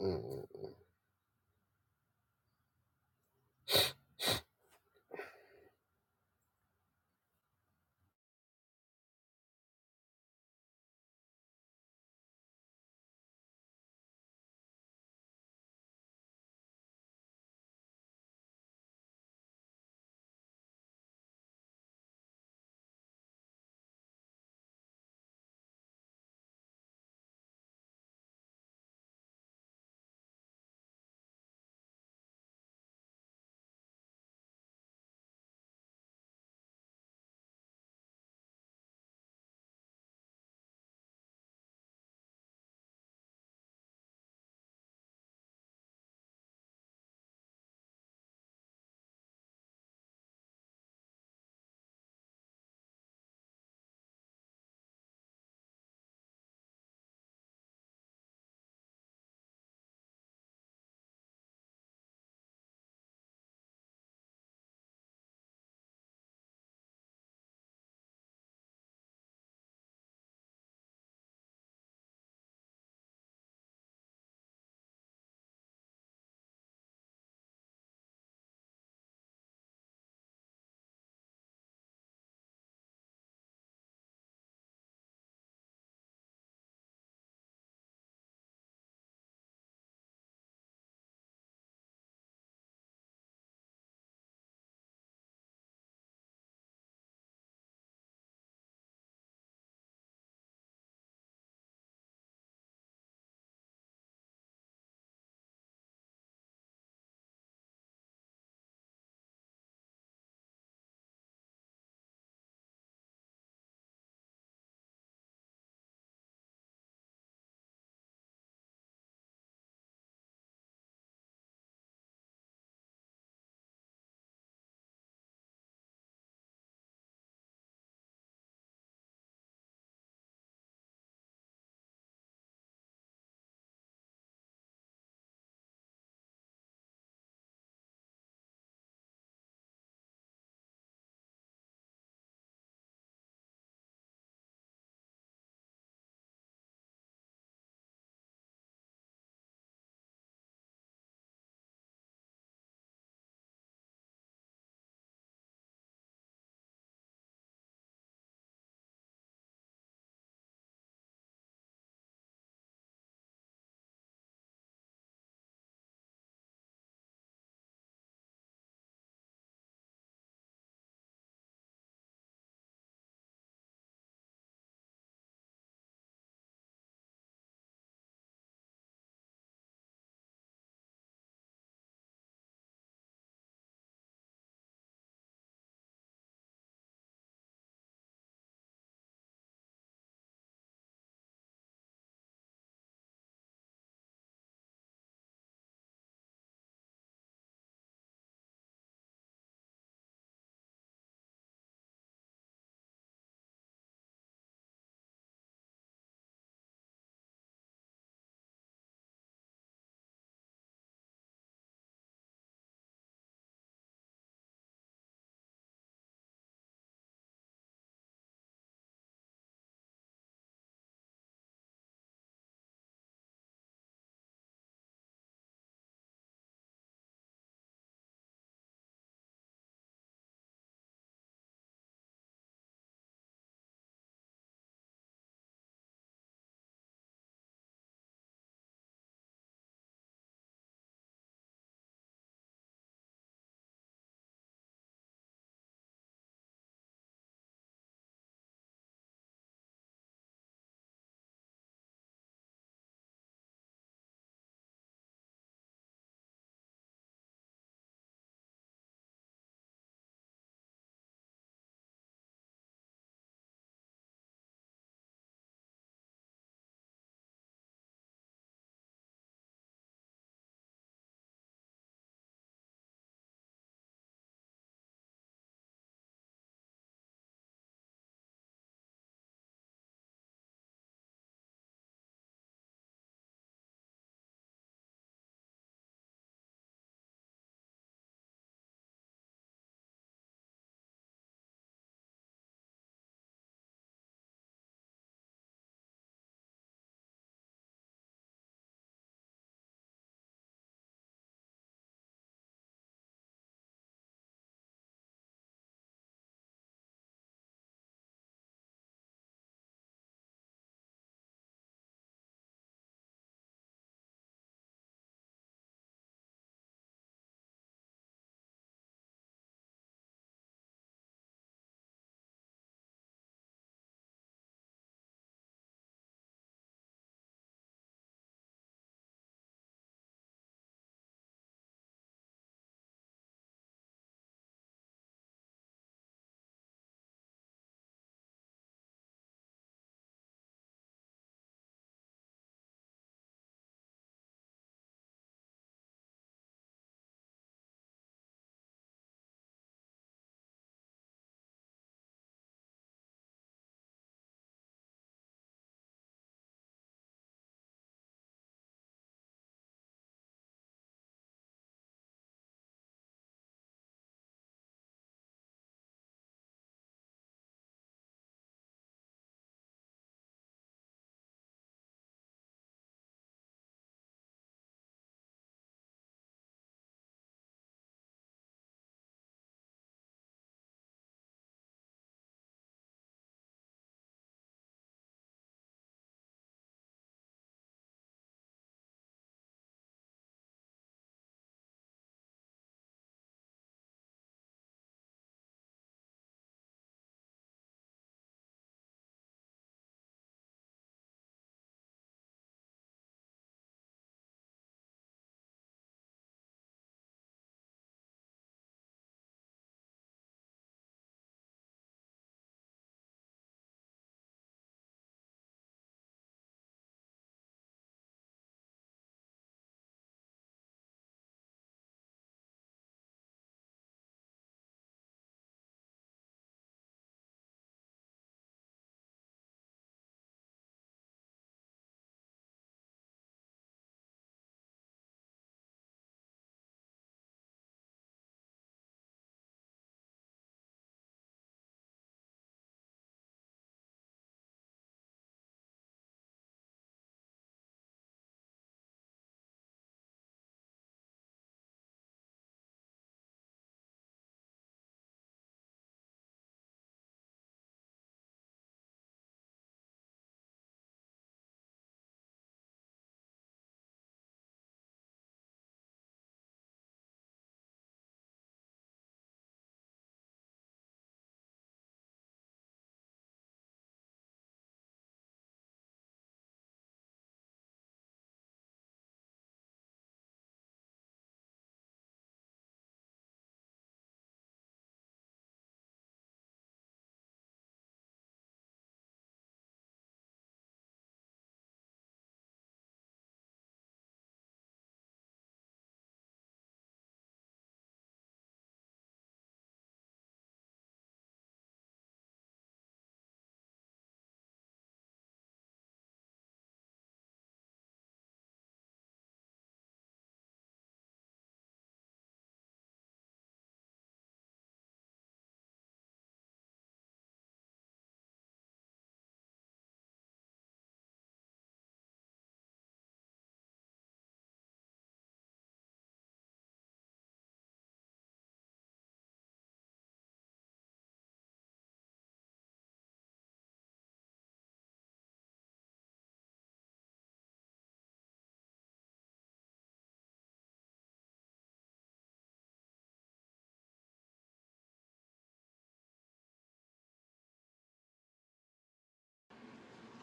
Mm.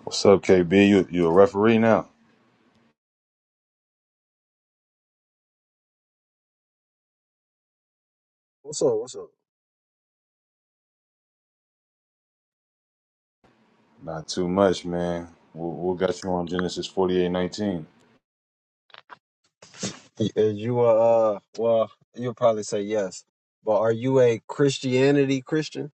What's up, KB? You you a referee now? What's up? What's up? Not too much, man. What, what got you on Genesis forty eight nineteen? Y- uh, You are, uh, well, you'll probably say yes, but are you a Christianity Christian?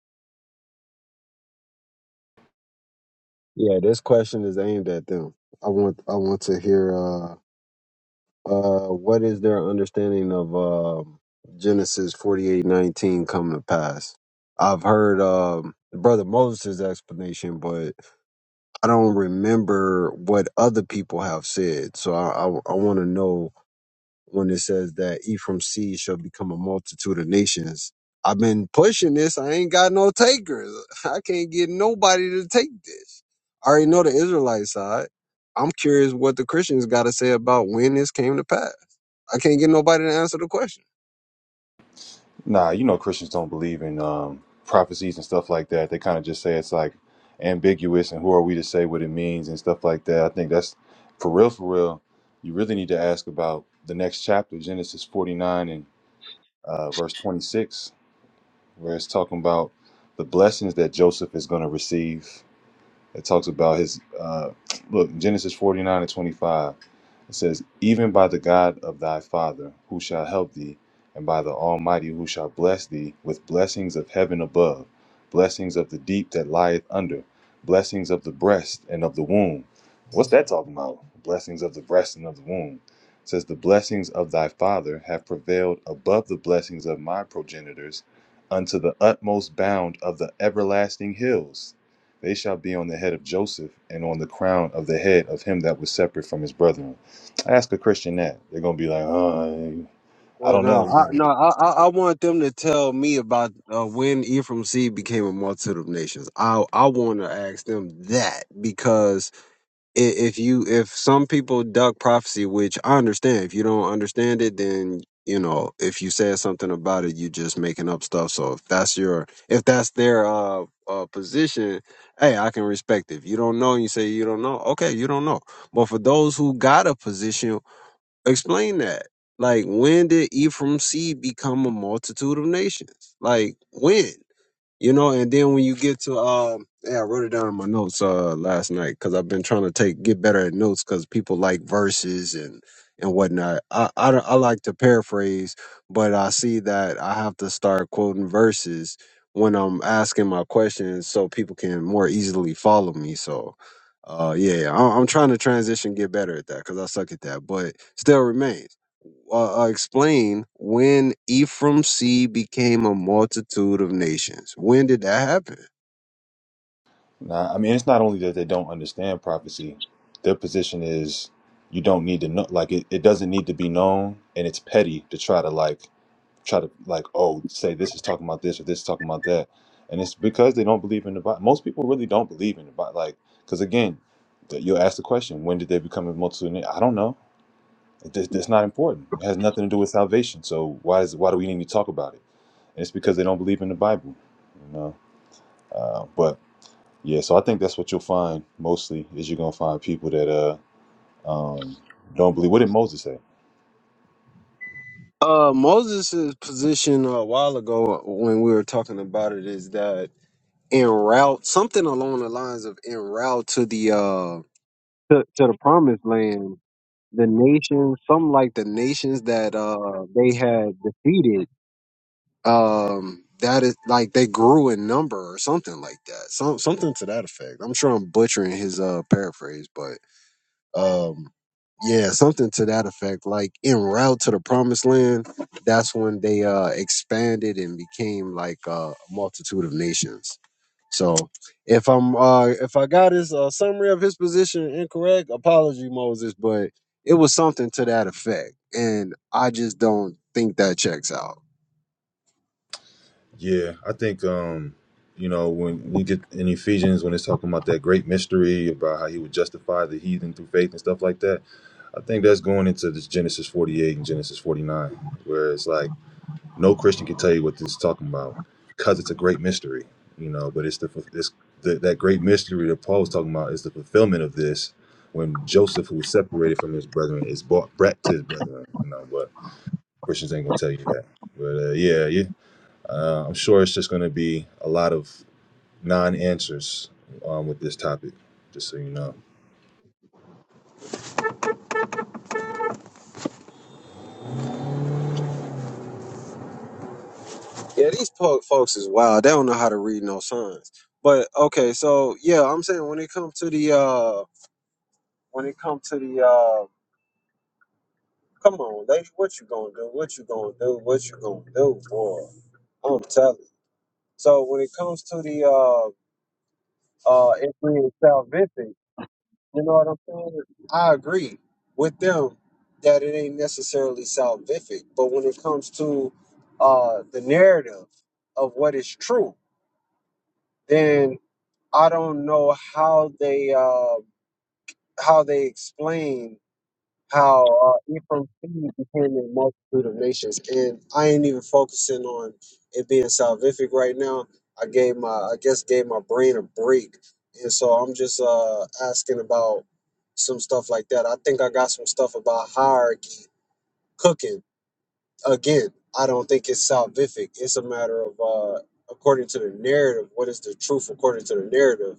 Yeah, this question is aimed at them. I want, I want to hear, uh, uh, what is their understanding of um Genesis forty-eight nineteen come to pass? I've heard um, Brother Moses' explanation, but I don't remember what other people have said. So I, I, I want to know when it says that Ephraim's seed shall become a multitude of nations. I've been pushing this. I ain't got no takers. I can't get nobody to take this. I already know the Israelite side. I'm curious what the Christians got to say about when this came to pass. I can't get nobody to answer the question. Nah, you know Christians don't believe in um, prophecies and stuff like that. They kind of just say it's like ambiguous, and who are we to say what it means and stuff like that. I think that's for real, for real. You really need to ask about the next chapter, Genesis forty nine and uh, verse twenty six, where it's talking about the blessings that Joseph is going to receive It talks about his uh, look Genesis forty nine and twenty five. It says, "Even by the God of thy father, who shall help thee, and by the Almighty, who shall bless thee with blessings of heaven above, blessings of the deep that lieth under, blessings of the breast and of the womb." What's that talking about? Blessings of the breast and of the womb. It says, "The blessings of thy father have prevailed above the blessings of my progenitors, unto the utmost bound of the everlasting hills." They shall be on the head of Joseph and on the crown of the head of him that was separate from his brethren. I ask a Christian that. They're going to be like, oh, I Well, don't know. no, He's I, gonna no, I, I I want them to tell me about uh, when Ephraim seed became a multitude of nations. I, I want to ask them that because i- if you if some people duck prophecy which i understand if you don't understand it then you know if you said something about it you just making up stuff so if that's your if that's their uh, uh position hey i can respect it if you don't know and you say you don't know okay you don't know but for those who got a position explain that like when did ephraim's seed become a multitude of nations like when you know, and then when you get to um, yeah, I wrote it down in my notes uh last night because I've been trying to take get better at notes because people like verses and and whatnot. I, I don't- I like to paraphrase, but I see that I have to start quoting verses when I'm asking my questions so people can more easily follow me. So, uh, yeah, I, I'm trying to transition, get better at that because I suck at that, but still remains uh, uh, explain when Ephraim seed became a multitude of nations. When did that happen? Nah, I mean, it's not only that they don't understand prophecy, their position is you don't need to know. Like, it, it doesn't need to be known. And it's petty to try to, like, try to, like, oh, say this is talking about this or this is talking about that. And it's because they don't believe in the Bible. Most people really don't believe in the Bible. Like, because again, that you'll ask the question, when did they become a multitude? I don't know. It just, that's not important. It has nothing to do with salvation. So why is why do we need to talk about it? And it's because they don't believe in the Bible, you know. Uh, but yeah, so I think that's what you'll find mostly is you're gonna find people that uh um don't believe. What did Moses say? Uh, Moses' position a while ago uh, when we were talking about it is that en route, something along the lines of en route to the uh to, to the promised land, the nations, some like the nations that uh they had defeated um that is like they grew in number or something like that some something to that effect i'm sure i'm butchering his uh paraphrase but um yeah something to that effect like en route to the promised land that's when they uh expanded and became like uh, a multitude of nations so if i'm uh if i got his uh, summary of his position incorrect apology moses but it was something to that effect and i just don't think that checks out Yeah, I think um, you know when you get in Ephesians when it's talking about that great mystery about how he would justify the heathen through faith and stuff like that. I think that's going into this Genesis 48 and Genesis 49, where it's like No Christian can tell you what this is talking about because it's a great mystery, you know. But it's the it's the, that great mystery that Paul was talking about is the fulfillment of this when Joseph, who was separated from his brethren, is brought back to his brethren, you know. But Christians ain't gonna tell you that. But uh, yeah, yeah, uh, I'm sure it's just gonna be a lot of non-answers um, with this topic, just so you know. Yeah, these po- folks is wild. They don't know how to read no signs. But okay, so yeah, I'm saying when it comes to the uh when it comes to the uh come on, lady, what you gonna do? What you gonna do? What you gonna do? Boy, I'm telling. you. So when it comes to the uh uh if we salvific, you know what I'm saying? I agree with them that it ain't necessarily salvific, but when it comes to uh the narrative of what is true, then. I don't know how they uh, how they explain how uh, Ephraim seed became a multitude of nations, and I ain't even focusing on it being salvific right now. I gave my I guess gave my brain a break, and so I'm just uh, asking about some stuff like that. I think I got some stuff about hierarchy cooking again. I don't think it's salvific. It's a matter of uh, according to the narrative. What is the truth according to the narrative?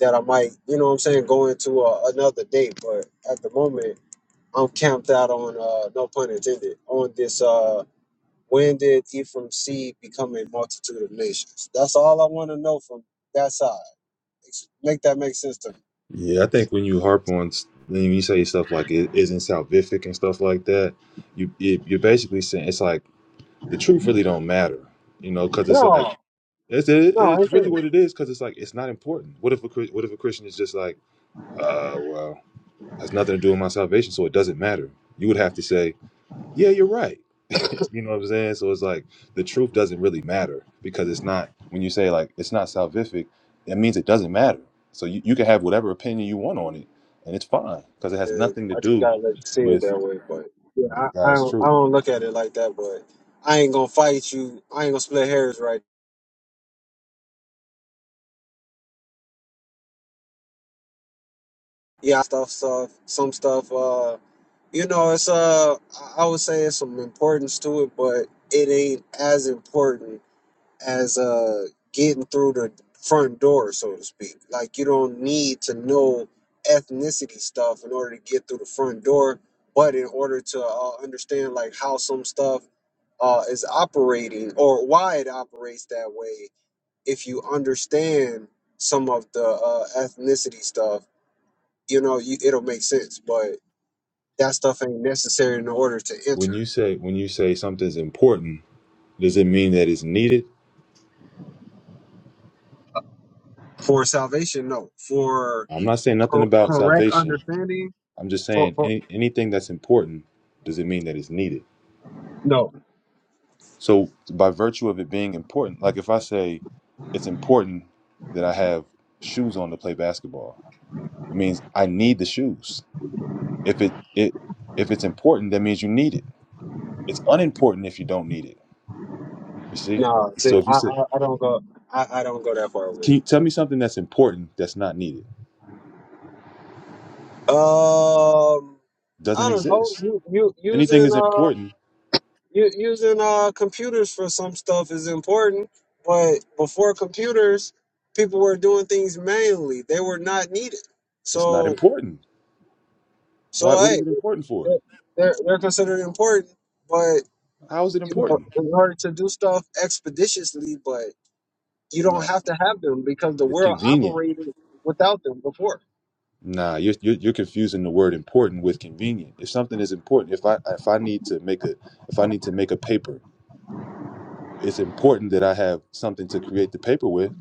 that I might, you know what I'm saying, go into uh, another date. But at the moment, I'm camped out on, uh, no pun intended, on this uh, when did Ephraim seed become a multitude of nations? That's all I want to know from that side. Ex- Make that make sense to me. Yeah, I think when you harp on when you say stuff like it isn't salvific and stuff like that, you it, you're basically saying it's like the truth really don't matter, you know, because it's like it's it, it's really what it is because it's like it's not important. What if a Chris- what if a Christian is just like, uh, well, has nothing to do with my salvation, so it doesn't matter. You would have to say, yeah, you're right. You know what I'm saying? So it's like the truth doesn't really matter because it's not when you say like it's not salvific, it means it doesn't matter. So you, you can have whatever opinion you want on it, and it's fine because it has And nothing to I just do gotta let you see it with that way. But yeah, you know, I, I God's don't I truth. don't look at it like that. But I ain't gonna fight you. I ain't gonna split hairs right. Yeah, stuff, stuff, some stuff. uh. you know, it's uh, I I would say it's some importance to it, but it ain't as important as uh getting through the front door, so to speak. Like you don't need to know ethnicity stuff in order to get through the front door, but in order to uh, understand like how some stuff uh, is operating or why it operates that way, if you understand some of the uh, ethnicity stuff, you know, you, it'll make sense. But that stuff ain't necessary in order to When you enter. say when you say something's important, does it mean that it's needed? For salvation, no. For I'm not saying nothing cor- about correct salvation. understanding, I'm just for, saying for any, anything that's important doesn't mean that it's needed. no, So, by virtue of it being important, like if I say it's important that I have shoes on to play basketball, it means I need the shoes. If it it if it's important, that means you need it. It's unimportant if you don't need it. You see? Right. no. So See, if you I, say, I, I don't go, I, I don't go that far with "Can you it. tell me something that's important that's not needed?" Um, Doesn't I don't know. exist. You, you anything using is uh, important, you, using uh, computers for some stuff is important, but before computers, people were doing things manually. They were not needed. it's not So, important. Why? so What is hey, it important for? they're, they're they're considered important, but How is it you know, important? in order to do stuff expeditiously, but you don't No. have to have them because the It's world convenient. operated without them before. Nah, you're, you're you're confusing the word important with convenient. If something is important, if I if I need to make a if I need to make a paper, it's important that I have something to create the paper with,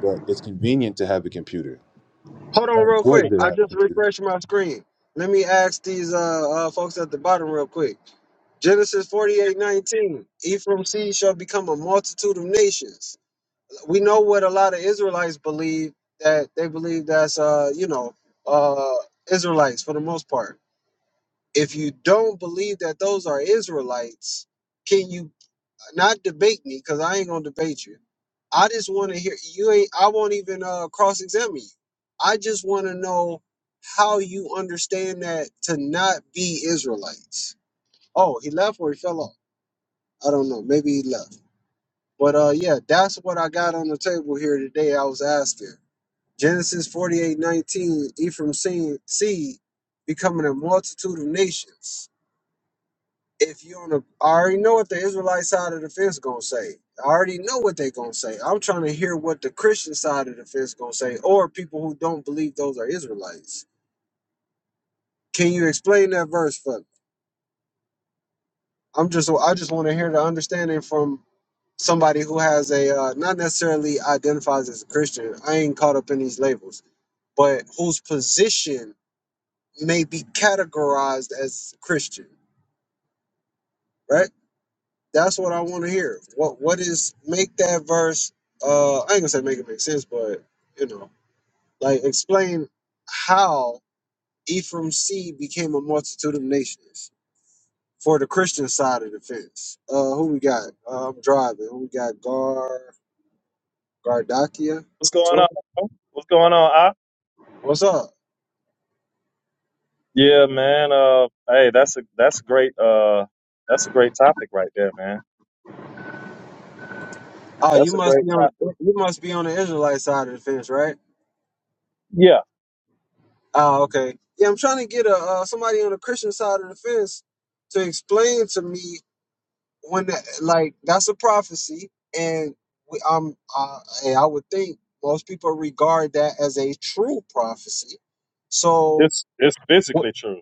but it's convenient to have a computer. It's Hold on, not real important quick. that I I have a just computer. refreshed my screen. Let me ask these uh, uh folks at the bottom real quick. Genesis forty-eight nineteen. Ephraim seed shall become a multitude of nations. We know what a lot of Israelites believe that they believe that's uh, you know, uh Israelites for the most part. If you don't believe that those are Israelites, can you not debate me because I ain't gonna debate you. I just want to hear you ain't. I won't even uh, cross examine you. I just want to know how you understand that to not be Israelites. Oh, he left or he fell off. I don't know. Maybe he left. But uh, yeah, that's what I got on the table here today. I was asking Genesis forty-eight nineteen. Ephraim seed, seed becoming a multitude of nations if you on the, I already know what the Israelite side of the fence gonna say. I already know what they gonna say. I'm trying to hear what the Christian side of the fence gonna say, or people who don't believe those are Israelites. Can you explain that verse for me? I'm just, I just want to hear the understanding from somebody who has a uh, not necessarily identifies as a Christian. I ain't caught up in these labels, but whose position may be categorized as Christian, right? That's what I want to hear. What what is make that verse? Uh, I ain't gonna say make it make sense, but you know, like explain how Ephraim's seed became a multitude of nations for the Christian side of the fence. Uh, who we got? Uh, I'm driving. Who we got? Gar Gardakia. What's going on? Twelve. bro? What's going on? I What's up? yeah, man. Uh, hey, that's a that's a great uh that's a great topic right there, man. Oh, That's you a must great be on topic. you must be on the Israelite side of the fence, right? Yeah, Oh, okay. Yeah, I'm trying to get a uh, somebody on the Christian side of the fence to explain to me when the- like that's a prophecy and we, am uh, hey, I would think most people regard that as a true prophecy. So it's it's What physically true.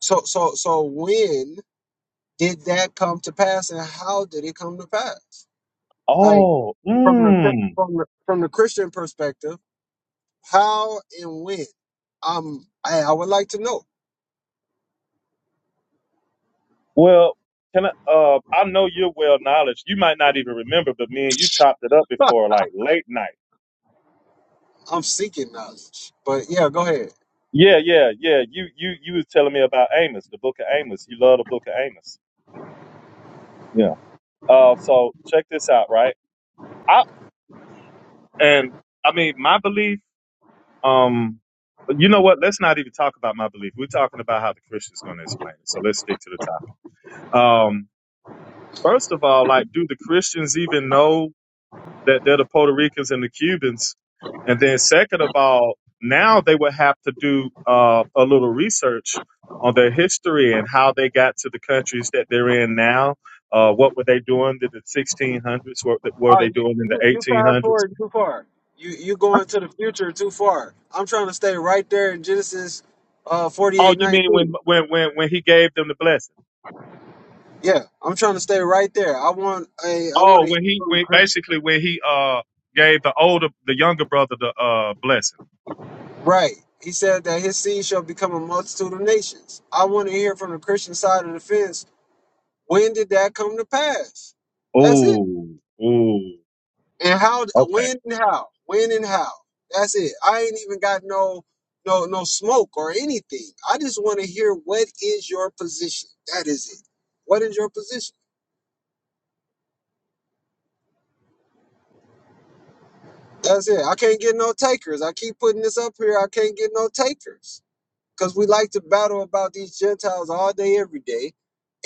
so so so when did that come to pass and how did it come to pass? Like Oh, from the Chri- mm. from the, from the Christian perspective, how and when? Um I I would like to know. Well, can I? Uh, I know you're well knowledge. You might not even remember, but me and you chopped it up before, like late night. I'm seeking knowledge. But yeah, go ahead. Yeah, yeah, yeah. You you you was telling me about Amos, the book of Amos. You love the book of Amos. Yeah. Uh, so check this out, right? I and I mean, my belief. Um, you know what? Let's not even talk about my belief. We're talking about how the Christian's going to explain it. So let's stick to the topic. Um, first of all, like, do the Christians even know that they're the Puerto Ricans and the Cubans? And then, second of all, now they would have to do uh, a little research on their history and how they got to the countries that they're in now. Uh, what were they doing in the 1600s? What were Oh, they you, doing in the you you fast 1800s? forward too far. You you going to the future too far. I'm trying to stay right there in Genesis uh Oh, you mean when 48:19. when when when he gave them the blessing? Yeah, I'm trying to stay right there. I want a I want Oh, to when hear he from when Christian. basically when he uh gave the older the younger brother the uh blessing. Right. He said that his seed shall become a multitude of nations. I want to hear from the Christian side of the fence. When did that come to pass? That's it. Oh, oh, And how? okay. When and how? When and how? That's it. I ain't even got no no no smoke or anything. I just want to hear what is your position. That is it. What is your position? That's it. I can't get no takers. I keep putting this up here. I can't get no takers because we like to battle about these Gentiles all day, every day.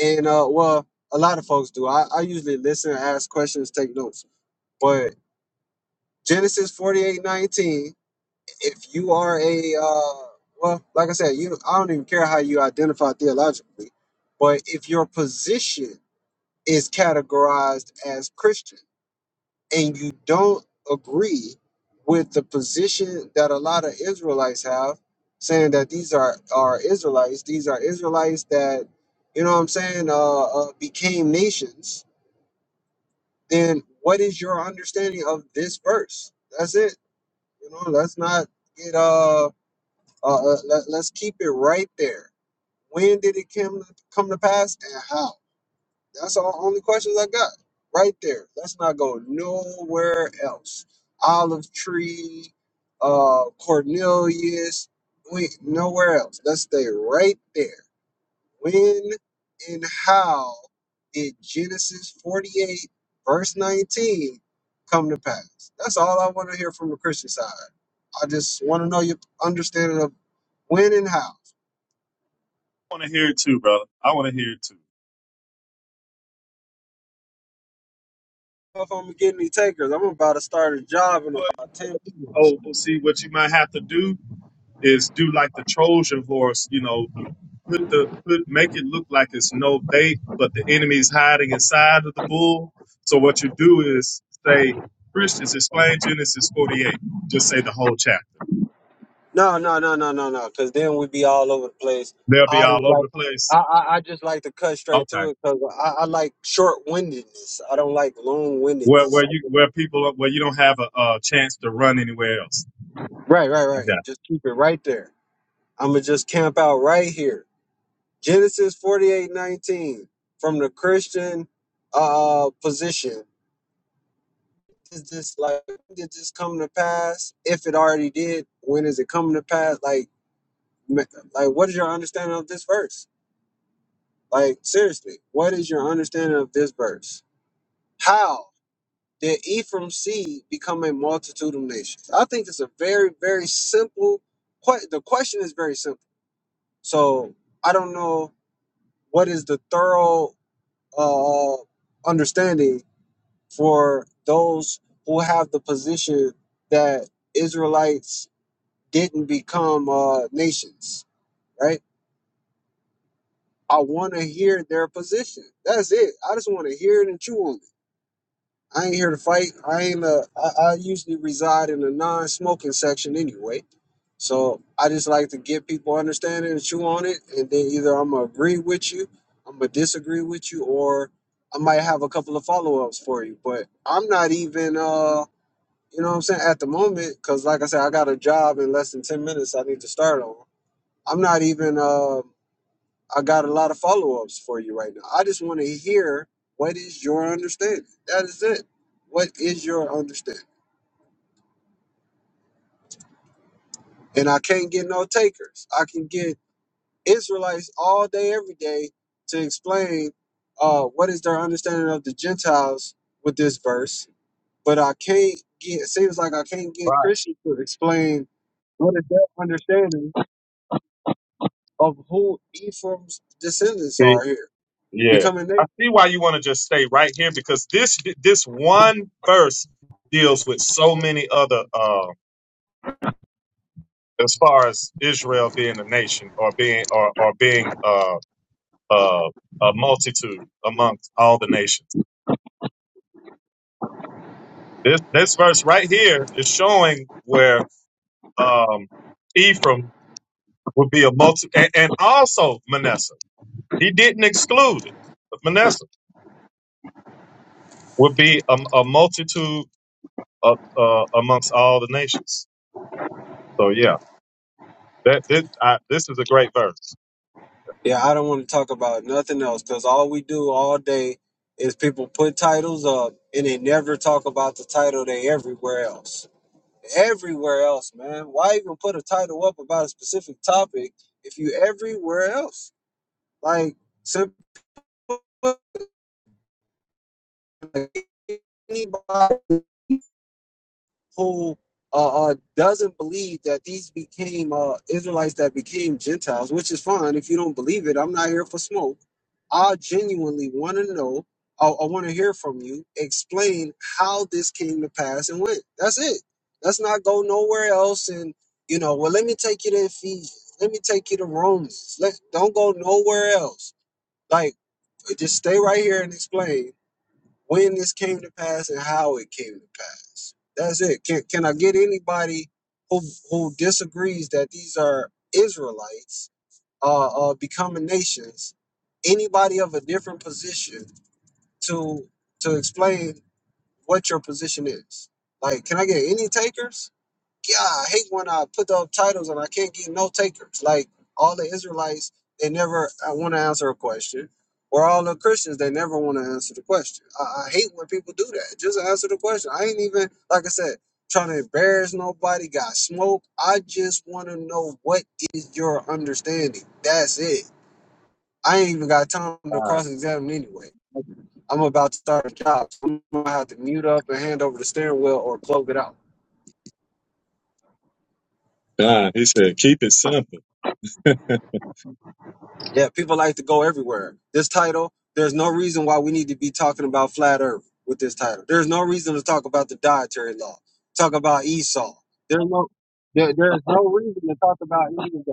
And uh, well, a lot of folks do. I, I usually listen, ask questions, take notes. But Genesis forty-eight nineteen. if you are a uh, well, like I said, you I don't even care how you identify theologically, but if your position is categorized as Christian and you don't agree with the position that a lot of Israelites have, saying that these are are Israelites, these are Israelites that you know what I'm saying uh, uh, became nations, then what is your understanding of this verse? That's it. You know, let's not get uh Uh, uh, let, let's keep it right there. When did it come come to pass, and how? That's all only questions I got. Right there. Let's not go nowhere else. Olive tree, uh, Cornelius. We nowhere else. Let's stay right there. When and how did Genesis forty-eight verse nineteen come to pass? That's all I want to hear from the Christian side. I just want to know your understanding of when and how. I want to hear it too, brother. I want to hear it too. if I'm going to get any takers. I'm about to start a job in What you about ten minutes. oh well, see what you might have to do is do like the Trojan horse, you know, put the put make it look like it's no bait, but the enemy's hiding inside of the bull. So what you do is say, Christians, explain Genesis forty eight. Just say the whole chapter. No, no, no, no, no, no. Because then we'd be all over the place. They'll be I just all over like, the place. I, I, I just like to cut straight Okay. to it because I, I like short windedness. I don't like long where where windedness. you where people where you don't have a, a chance to run anywhere else. Right, right, I right. got it. Just keep it right there. I'm gonna just camp out right here. Genesis forty-eight nineteen from the Christian uh position. Is this like did this come to pass? If it already did, when is it coming to pass? Like Like, what is your understanding of this verse? Like, seriously, what is your understanding of this verse? How did Ephraim's seed become a multitude of nations? I think it's a very, very simple question. The question is very simple. So I don't know what is the thorough uh, understanding for those who have the position that Israelites didn't become uh, nations, right? I want to hear their position. That's it. I just want to hear it and chew on it. I ain't here to fight. I ain't. Uh, I, I usually reside in a non-smoking section anyway, so I just like to get people understanding and chew on it, and then either I'm gonna agree with you, I'm gonna disagree with you, or I might have a couple of follow-ups for you. But I'm not even. Uh, you know what I'm saying at the moment, because like I said, I got a job in less than ten minutes. I need to start on. I'm not even. Uh, I got a lot of follow ups for you right now. I just want to hear what is your understanding. That is it. What is your understanding? And I can't get no takers. I can get Israelites all day, every day to explain uh, what is their understanding of the Gentiles with this verse, but I can't get. It seems like I can't get Right. Christians to explain what is their understanding of who Ephraim's descendants See? are here, Yeah. becoming nations. I see why you want to just stay right here because this this one verse deals with so many other uh as far as Israel being a nation or being or, or being uh uh a multitude amongst all the nations. This this verse right here is showing where um Ephraim would be a multi and, and also Manasseh. He didn't exclude it. But Manasseh would be a, a multitude of, uh, amongst all the nations. So yeah, that this, I, this is a great verse. Yeah, I don't want to talk about nothing else because all we do all day is people put titles up and they never talk about the title they everywhere else. Everywhere else, man. Why even put a title up about a specific topic if you everywhere else? Like simple like, anybody. who uh, uh, doesn't believe that these became uh, Israelites that became Gentiles, which is fine. If you don't believe it, I'm not here for smoke. I genuinely want to know. I, I want to hear from you. Explain how this came to pass and when. That's it. Let's not go nowhere else. And you know, well, let me take you to Ephesians. Let me take you to Romans. Let don't go nowhere else. Like just stay right here and explain when this came to pass and how it came to pass. That's it. Can can I get anybody who who disagrees that these are Israelites uh, uh becoming nations? Anybody of a different position to to explain what your position is? Like, can I get any takers? yeah, I hate when I put up titles and I can't get no takers. Like all the Israelites, they never want to answer a question, or all the Christians, they never want to answer the question. I, I hate when people do that. Just answer the question. I ain't even like I said trying to embarrass nobody. Got smoke. I just want to know what is your understanding. That's it. I ain't even got time to Ah, cross examine anyway. I'm about to start a job. so I'm gonna have to mute up and hand over the steering wheel or close it out. God, he said, keep it simple. Yeah, people like to go everywhere. This title, there's no reason why we need to be talking about flat earth with this title. There's no reason to talk about the dietary law. Talk about Esau. There's no there, there's no reason to talk about any of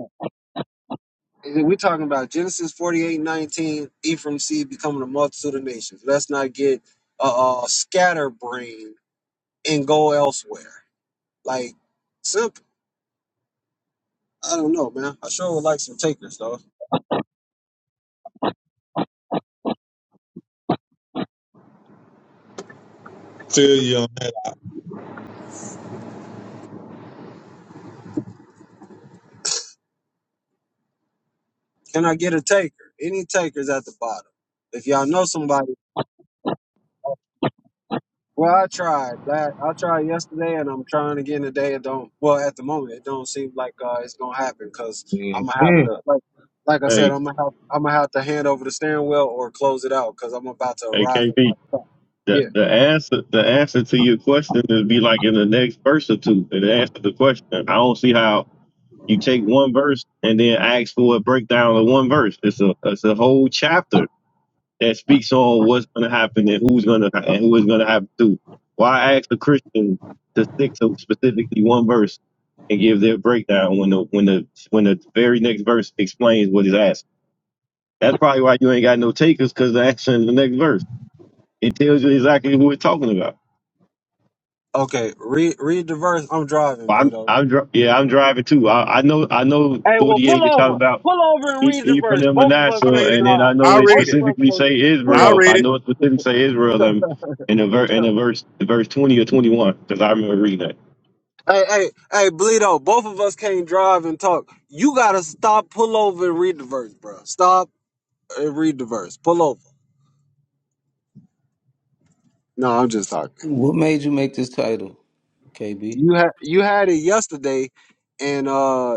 that. We're talking about Genesis forty-eight nineteen, 19, Ephraim seed becoming a multitude of nations. Let's not get uh, uh scatterbrained and go elsewhere. Like simple. I don't know, man. I sure would like some takers though. Feel you on that. Can I get a taker? Any takers at the bottom? If y'all know somebody Well, I tried. la I tried yesterday, and I'm trying again today. It don't. Well, at the moment, it don't seem like uh, it's gonna happen because I'm gonna have Mm. to like, like I said, Hey, I'm gonna have I'm gonna have to hand over the steering wheel or close it out because I'm about to hey, arrive at my KP. stop. The, Yeah. the answer the answer to your question is be like in the next verse or two. It answers the question. I don't see how you take one verse and then ask for a breakdown of one verse. It's a it's a whole chapter that speaks on what's going to happen and who's going to and who is going to happen to. Why ask a Christian to stick to specifically one verse and give their breakdown when the when the when the very next verse explains what is asked? That's probably why you ain't got no takers because the answer in the next verse. It tells you exactly who we're talking about. Okay. Read read the verse. I'm driving, Well, I'm, Bleedo. I'm, Read- dri- read yeah, the I'm verse. driving too. I, I know, I know. Hey, well, pull Forty-eight is talking over, about pull over, and E- read the Ephraim verse. and Both of us I Manasseh, read can't it. and then drive. I know I it Both read it. of us specifically can't say pull I Israel. read I over. it. know it specifically say Israel. And in a ver- in a verse, verse twenty or twenty-one, because I remember reading that. Hey, hey, hey, Bleedo, both of us can't drive and talk. You gotta stop, pull over, and read the verse, bro. Stop and read the verse. Pull over. No, I'm just talking. What made you make this title, KB? You had you had it yesterday, and uh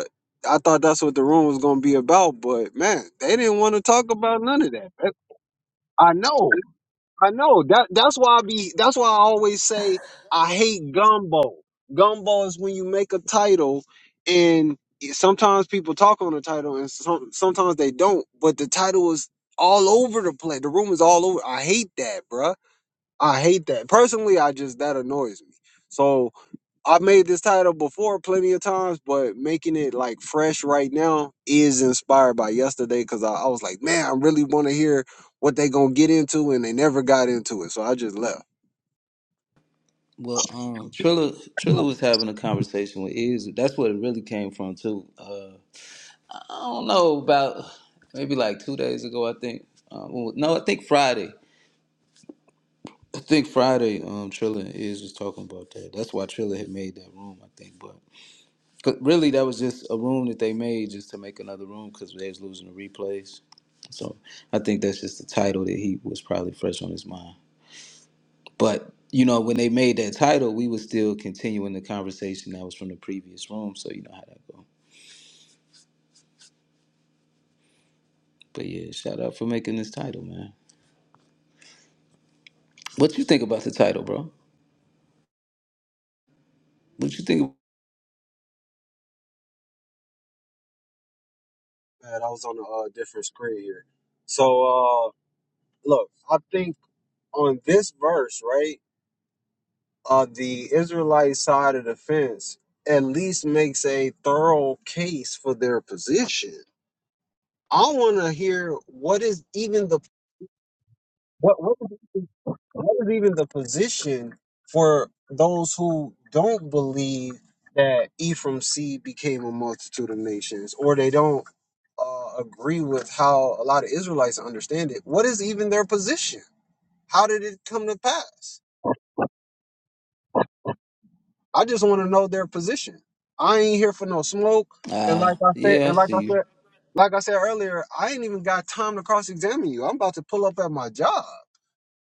I thought that's what the room was gonna be about, but man, they didn't want to talk about none of that. That- I know, I know that that's why I be that's why I always say I hate gumbo. Gumbo is when you make a title and it- sometimes people talk on the title and some, sometimes they don't, but the title is all over the place. The room is all over. I hate that, bruh. I hate that. Personally, I just that annoys me. So I've made this title before plenty of times, but making it like fresh right now is inspired by yesterday because I, I was like, man, I really want to hear what they gonna get into, and they never got into it, so I just left. Well, um, Trilla Trilla was having a conversation with Iz. That's what it really came from too. Uh, I don't know about maybe like two days ago. I think. Um, well, no, I think Friday. I think Friday. Um, Trilla and Iz was talking about that. That's why Trilla had made that room. I think, but 'cause really that was just a room that they made just to make another room because they was losing the replays. So I think that's just the title that he was probably fresh on his mind. But you know, when they made that title, we were still continuing the conversation that was from the previous room. So you know how that go. But yeah, shout out for making this title, man. What you think about the title, bro? What you think? Bad, I was on a uh, different screen here. So uh, look, I think on this verse, right? on the Israelite side of the fence at least makes a thorough case for their position. I want to hear what is even the what what is, what is even the position for those who don't believe that Ephraim seed became a multitude of nations, or they don't uh, agree with how a lot of Israelites understand it. What is even their position? How did it come to pass? I just want to know their position. I ain't here for no smoke. And Uh like I said, yeah, I and like see I you. said, like I said earlier, I ain't even got time to cross examine you. I'm about to pull up at my job.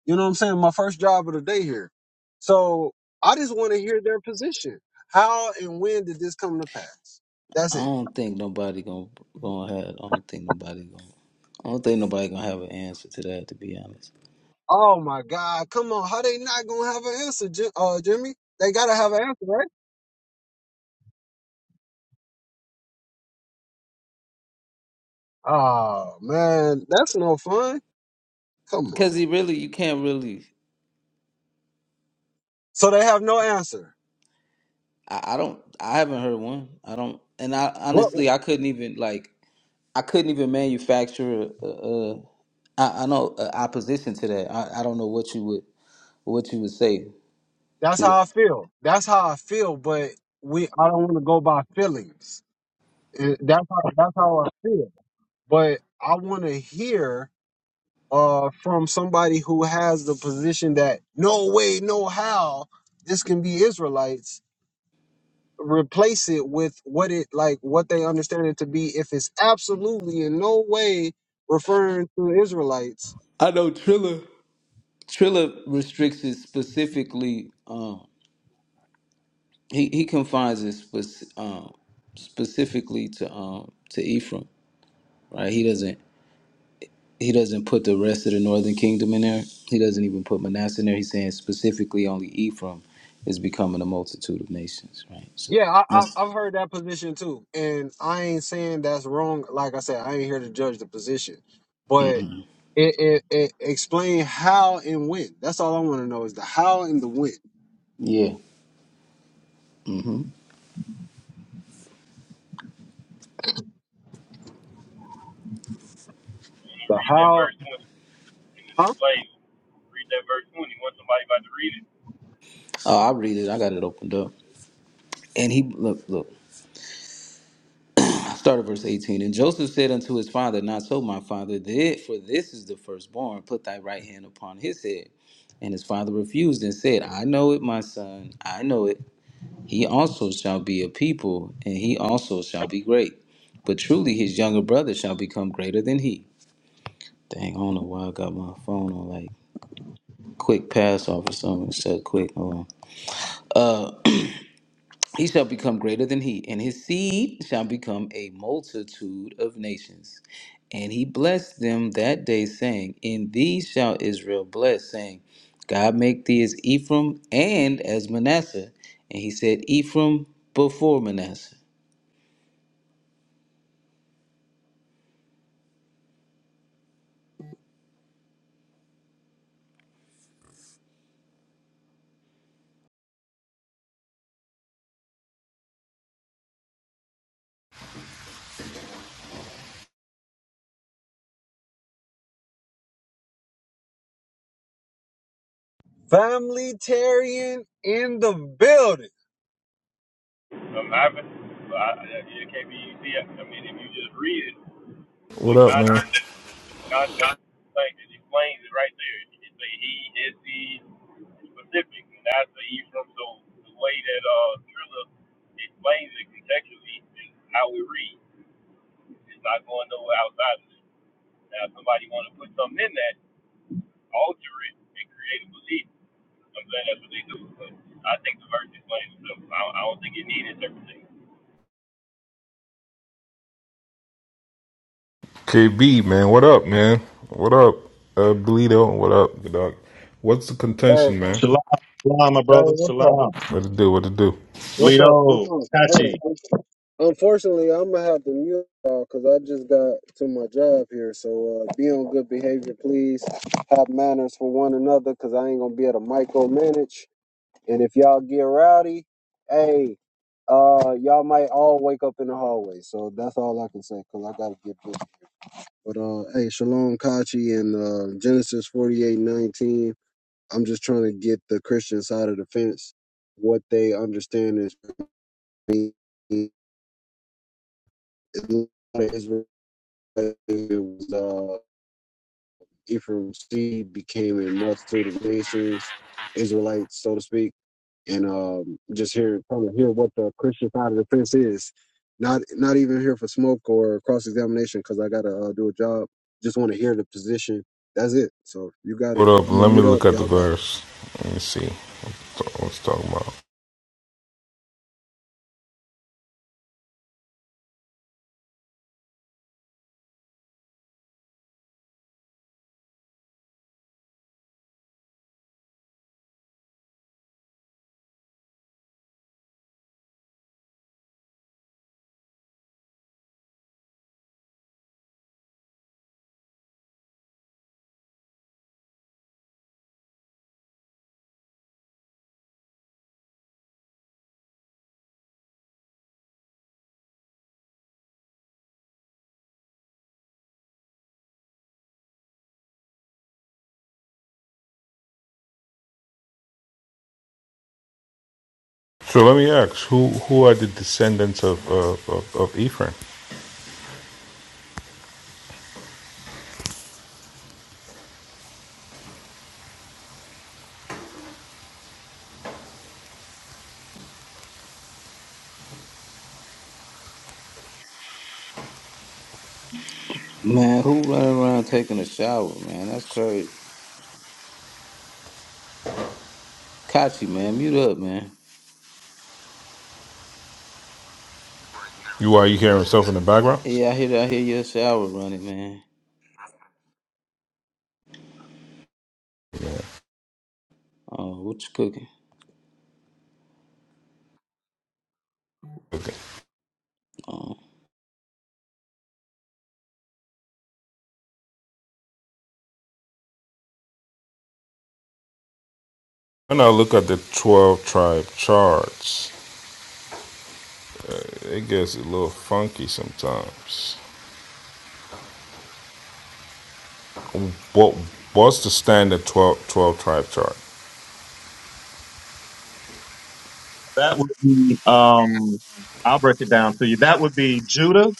You know what I'm saying? My first job of the day here. So I just want to hear their position. How and when did this come to pass? I That's it. don't think nobody gonna gonna have. I don't think nobody gonna. I don't think nobody gonna have an answer to that, to be honest. Oh my God. Come on. How they not gonna have an answer, Jim, uh, Jimmy? They gotta have an answer, right? Oh man, that's no fun. Come on. Cause he really, you can't really. So they have no answer. I, I don't. I haven't heard one. I don't. And I What? honestly, I couldn't even like. I couldn't even manufacture a, a, a I, I know a opposition to that. I, I don't know what you would what you would say That's to how that. I feel. That's how I feel. But we, I don't want to go by feelings. Eh, That's how that's how I feel. But I want to hear uh from somebody who has the position that no way, no how this can be Israelites. Replace it with what it like, what they understand it to be. If it's absolutely in no way referring to Israelites, I know Triller Triller restricts it specifically. Um, he he confines it spec- um, specifically to um to Ephraim. Right? He doesn't he doesn't put the rest of the northern kingdom in there. He doesn't even put Manasseh in there. He's saying specifically only Ephraim is becoming a multitude of nations. Right? So Yeah, I, I, that's I've heard that position too, and I ain't saying that's wrong. Like I said, I ain't here to judge the position, but it, it, it explain how and when. That's all I want to know is the how and the when. yeah. mm-hmm. The how, huh? Oh, I'll read it. I got it opened up. And he look, look. Start at verse eighteen. And Joseph said unto his father, Not so, my father, that for this is the firstborn. Put thy right hand upon his head. And his father refused and said, I know it, my son. I know it. He also shall be a people, and he also shall be great. But truly, his younger brother shall become greater than he. Dang, I don't know why I got my phone on like quick pass off or something. Shut quick. Hold on. Uh, He shall become greater than he, and his seed shall become a multitude of nations. And he blessed them that day, saying, In thee shall Israel bless, saying, God make thee as Ephraim and as Manasseh. And he said, Ephraim before Manasseh. Familitarian in the building. What up, man? KB, man. What up, man? What up, uh, Bleedo? What up, good dog? What's the Hey, contention, man? Shalom, shalom, my hey, brother. what's up? Shalom. What to do? What to do? What's up? Lido, What's up? Hey, Tachi. Unfortunately, I'm gonna have to mute y'all because I just got to my job here. So uh, be on good behavior, please. Have manners for one another because I ain't gonna be able to micromanage. And if y'all get rowdy, hey, uh, y'all might all wake up in the hallway. So that's all I can say because I gotta get busy. But uh, hey, Shalom Kachi and uh, Genesis 48:19. I'm just trying to get the Christian side of the fence what they understand is. it was uh, Ephraim's seed became a multitude of nations, Israelites, so to speak, and um, just hear probably hear what the Christian side of the fence is. Not not even here for smoke or cross examination because I gotta uh, do a job. Just want to hear the position. That's it. So you got it. What up? I'm gonna Let me mute up. look at the Y'all got it. verse. Let me see. What's what's talking about? So let me ask, who who are the descendants of uh, of, of Ephraim? Man, who running around taking a shower, man? That's crazy. Kachi, man, mute up, man. You are you hearing stuff in the background? Yeah, I hear, I hear your shower running, man. Uh, what you cooking? Okay. Oh. When I look at the twelve tribe charts, it gets a little funky sometimes. What what's the standard 12 12 tribe chart? That would be, um, I'll break it down to you. That would be Judah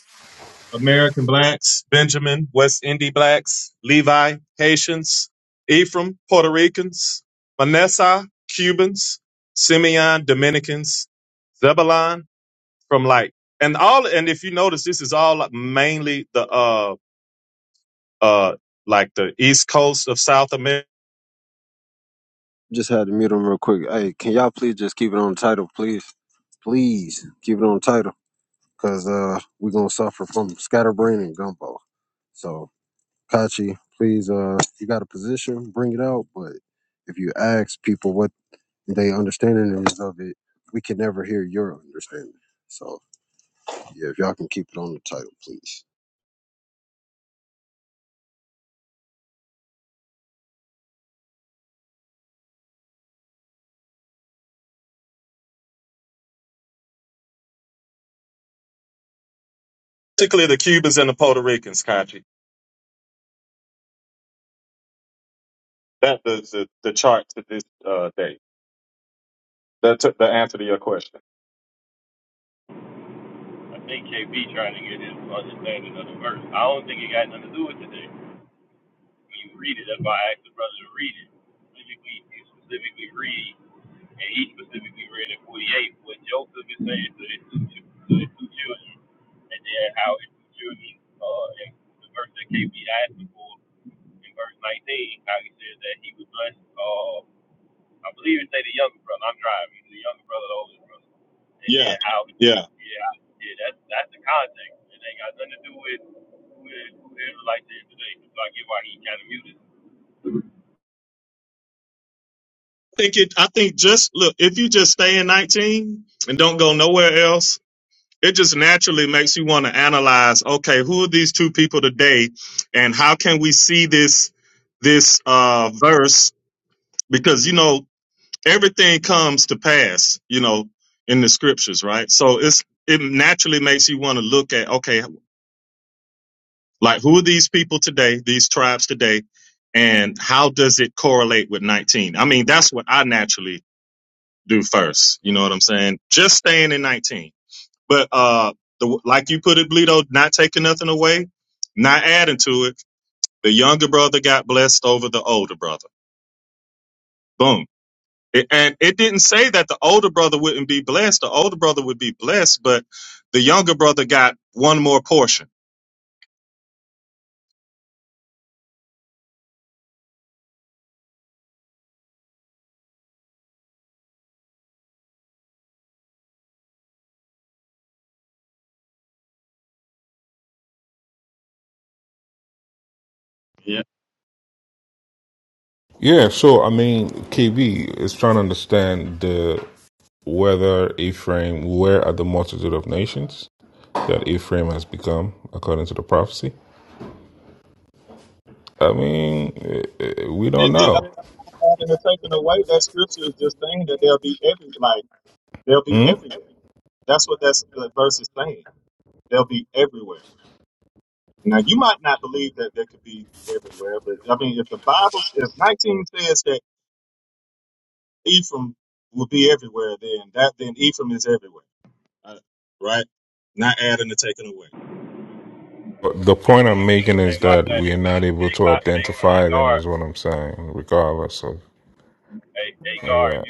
American blacks, Benjamin, West Indian blacks, Levi, Haitians, Ephraim, Puerto Ricans, Manasseh, Cubans, Simeon, Dominicans, Zebulon from like, and all, and if you notice, this is all mainly the, uh, uh, like the East Coast of South America, Just had to mute him real quick. Hey, can y'all please just keep it on the title, please? Please keep it on the title, cause uh, we gonna suffer from scatterbrain and gumbo. So Kachi, please, uh, you got a position, bring it out. But if you ask people what they understanding is of it, we can never hear your understanding. So yeah, if y'all can keep it on the title, please. particularly the Cubans and the Puerto Ricans, Kachi. That is the, the chart to this, uh, day. That took the answer to your question. Yeah. Yeah. think it. I think just look if you just stay in 19 and don't go nowhere else, it just naturally makes you want to analyze. Okay, who are these two people today, and how can we see this this uh, verse? Because you know everything comes to pass. You know in the scriptures, right? So it's it naturally makes you want to look at okay, like who are these people today? These tribes today. And how does it correlate with 19? I mean, that's what I naturally do first. You know what I'm saying? Just staying in 19. But uh, the, like you put it, Bleedo, not taking nothing away, not adding to it. The younger brother got blessed over the older brother. Boom. It, and it didn't say that the older brother wouldn't be blessed. The older brother would be blessed, but the younger brother got one more portion. Yeah, sure. I mean, KB is trying to understand the whether Ephraim, where are the multitude of nations that Ephraim has become according to the prophecy? I mean, eh, eh, we don't It, the, know. God to taking away that scripture is just saying that they'll be every like they'll be Hmm? everywhere. That's what that's the verse is saying. They'll be everywhere. Now you might not believe that they could be everywhere, but I mean if the Bible if nineteen says that Ephraim will be everywhere, then that then Ephraim is everywhere. Uh, right? Not adding or taking away. But The point I'm making is that we are not able to identify them, is what I'm saying, regardless of of that.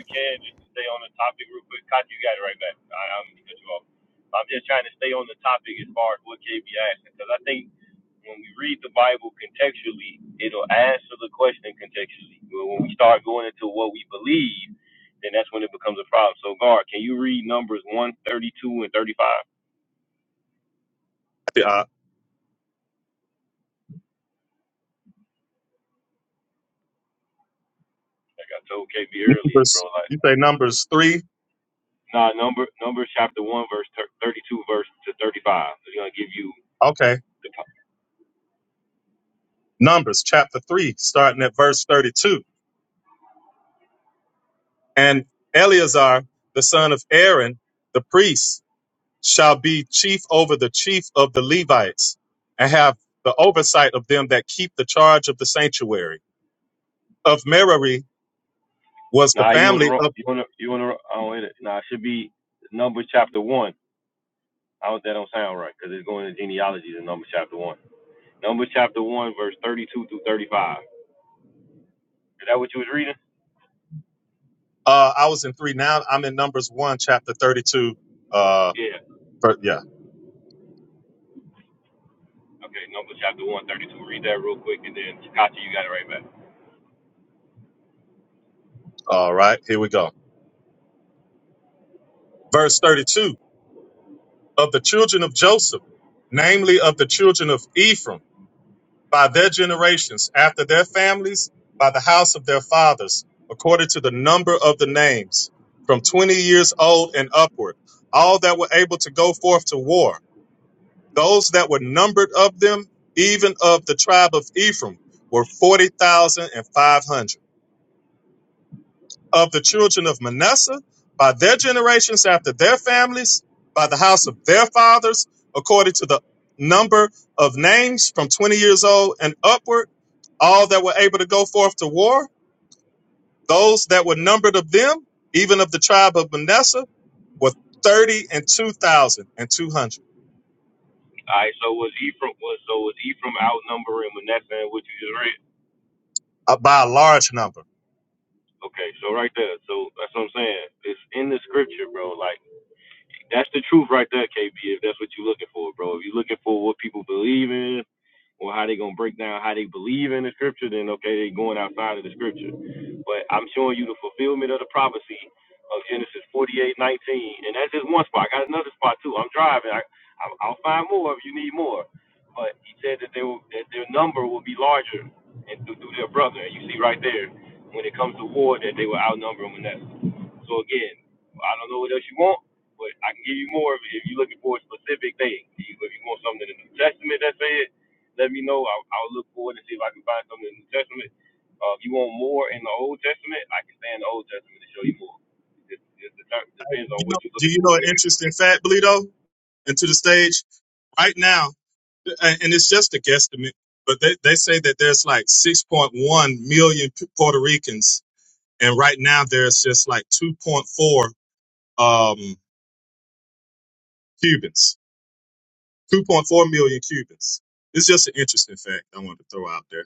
Uh, numbers you say numbers three? Okay. Numbers chapter three, starting at verse thirty two. And Eleazar, the son of Aaron, the priest shall be chief over the chief of the Levites, and have the oversight of them that keep the charge of the sanctuary. Of Merari was the family of. Uh, I was in three now. I'm in Numbers one, chapter thirty-two. Uh, ver- yeah. All right. Here we go. Verse thirty-two of the children of Joseph, namely of the children of Ephraim. by their generations, after their families, by the house of their fathers, according to the number of the names, from 20 years old and upward, all that were able to go forth to war. Those that were numbered of them, even of the tribe of Ephraim, were 40,500 of the children of Manasseh, by their generations after their families, by the house of their fathers, according to the number of names from 20 years old and upward, all that were able to go forth to war, those that were numbered of them, even of the tribe of Manasseh, were 30 and 2,200 uh, by a large number. You know, do you know an interesting fact, Bleedo? And to the stage right now, and it's just a guesstimate, but they, they say that there's like 6.1 million P- Puerto Ricans, and right now there's just like 2.4 um, Cubans, 2.4 million Cubans. It's just an interesting fact I wanted to throw out there.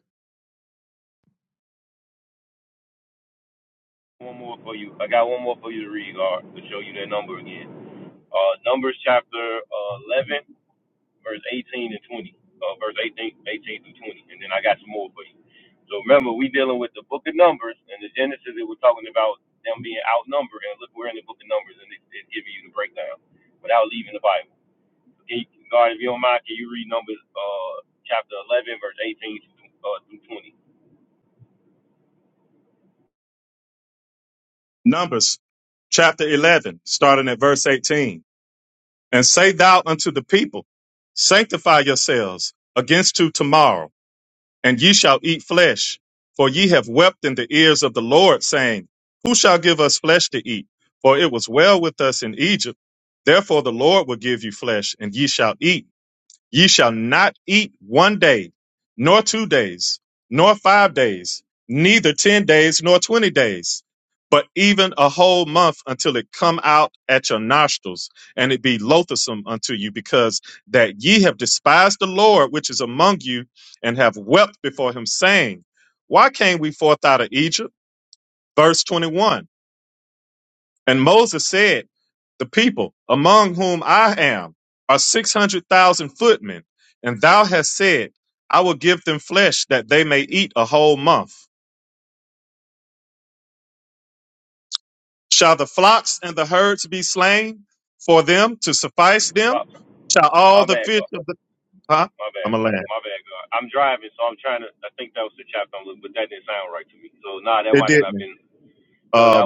Numbers chapter 11, starting at verse 18. And say thou unto the people, sanctify yourselves against to tomorrow. and ye shall eat flesh. For ye have wept in the ears of the Lord, saying, Who shall give us flesh to eat? For it was well with us in Egypt. Therefore the Lord will give you flesh, and ye shall eat. Ye shall not eat one day, nor two days, nor five days, neither ten days, nor twenty days, but even a whole month until it come out at your nostrils, and it be loathsome unto you, because that ye have despised the Lord which is among you, and have wept before him, saying, Why came we forth out of Egypt? Verse 21. And Moses said, The people among whom I am are 600,000 footmen, and thou hast said, I will give them flesh that they may eat a whole month. Shall the flocks and the herds be slain for them to suffice them? Shall all the fish of the huh? I'm a land. It didn't. Uh,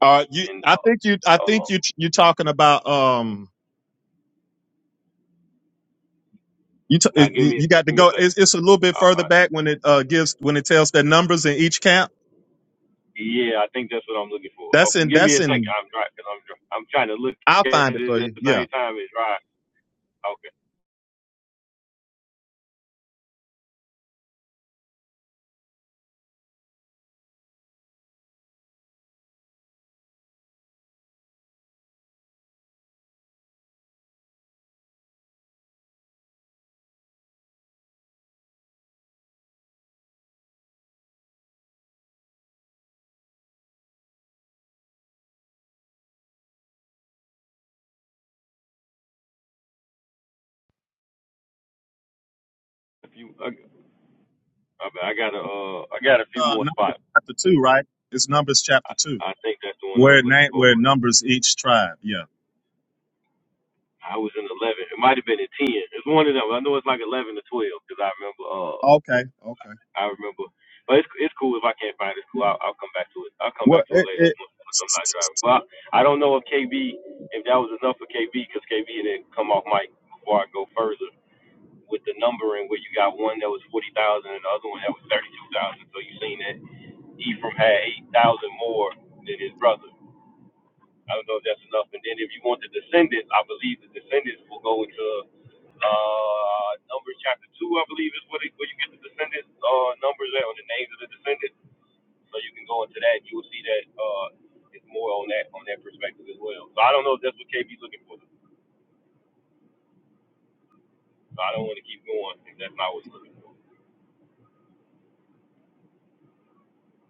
uh, you, I think you, I think you, you are talking about, um, you, t- you, you got to go. It's, it's a little bit further back when it, uh, gives, when it tells the numbers in each camp That's in that's in I'll find it for you. Yeah. Uh Numbers chapter two, right? It's Numbers chapter two. Where it name where it numbers each tribe. Yeah. Okay, okay. Well it, it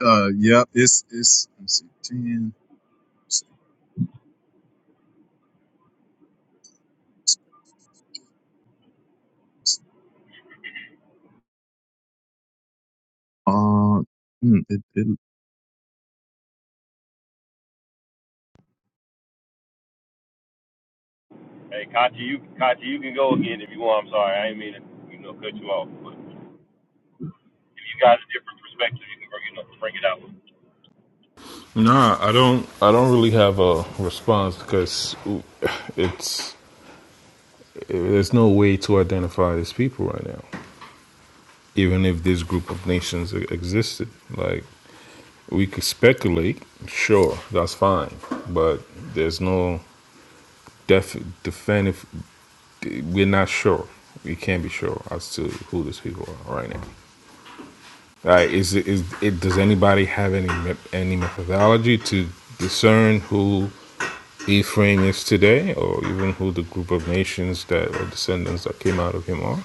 uh yeah, it's it's let me see, ten. Uh, mm, it, it, Nah, I don't. I don't really have a response because it's there's no way to identify these people right now. even if this group of nations e- existed. Like, we could speculate, sure, that's fine, but there's no def- definitive, we're not sure. We can't be sure as to who these people are right now. Like, is it, is it, does anybody have any any methodology to discern who Ephraim is today, or even who the group of nations that are descendants that came out of him are?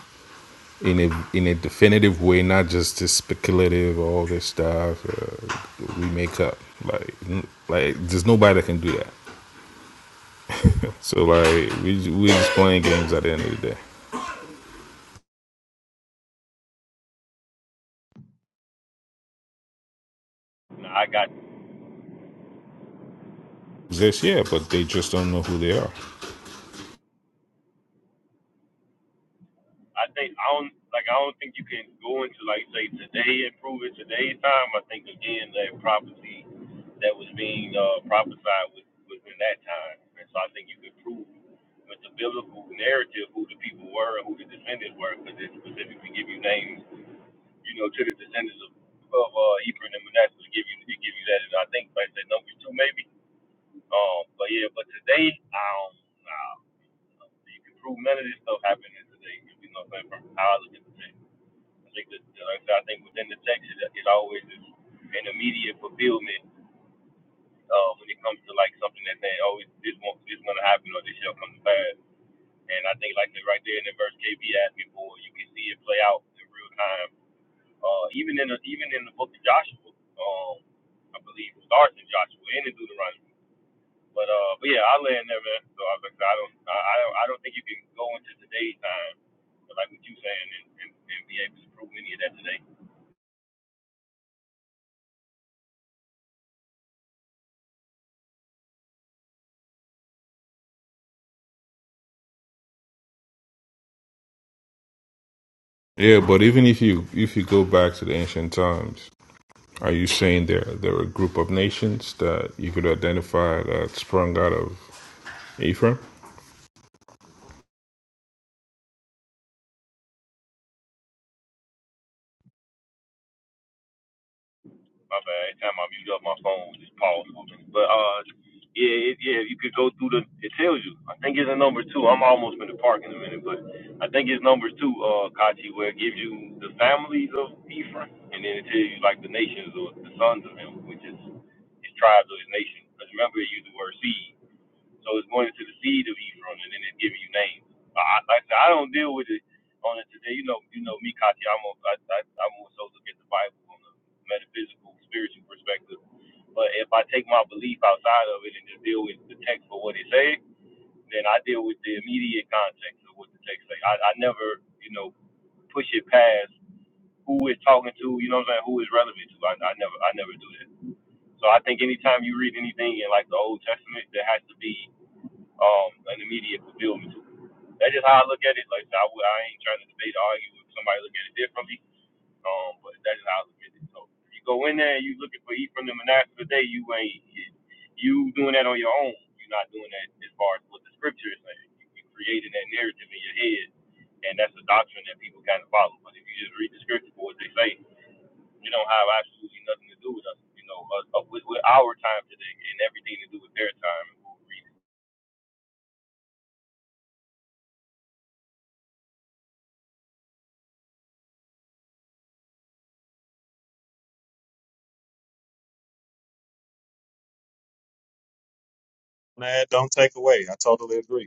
in a in a definitive way, not just this speculative all this stuff uh, we make up. Like like there's nobody that can do that. So like we we just playing games at the end of the day. Exist, yeah, but they just don't know who they are. Yeah, but even if you if you go back to the ancient times, are you saying there there were a group of nations that you could identify that sprung out of Ephraim? nah, don't take away. I totally agree.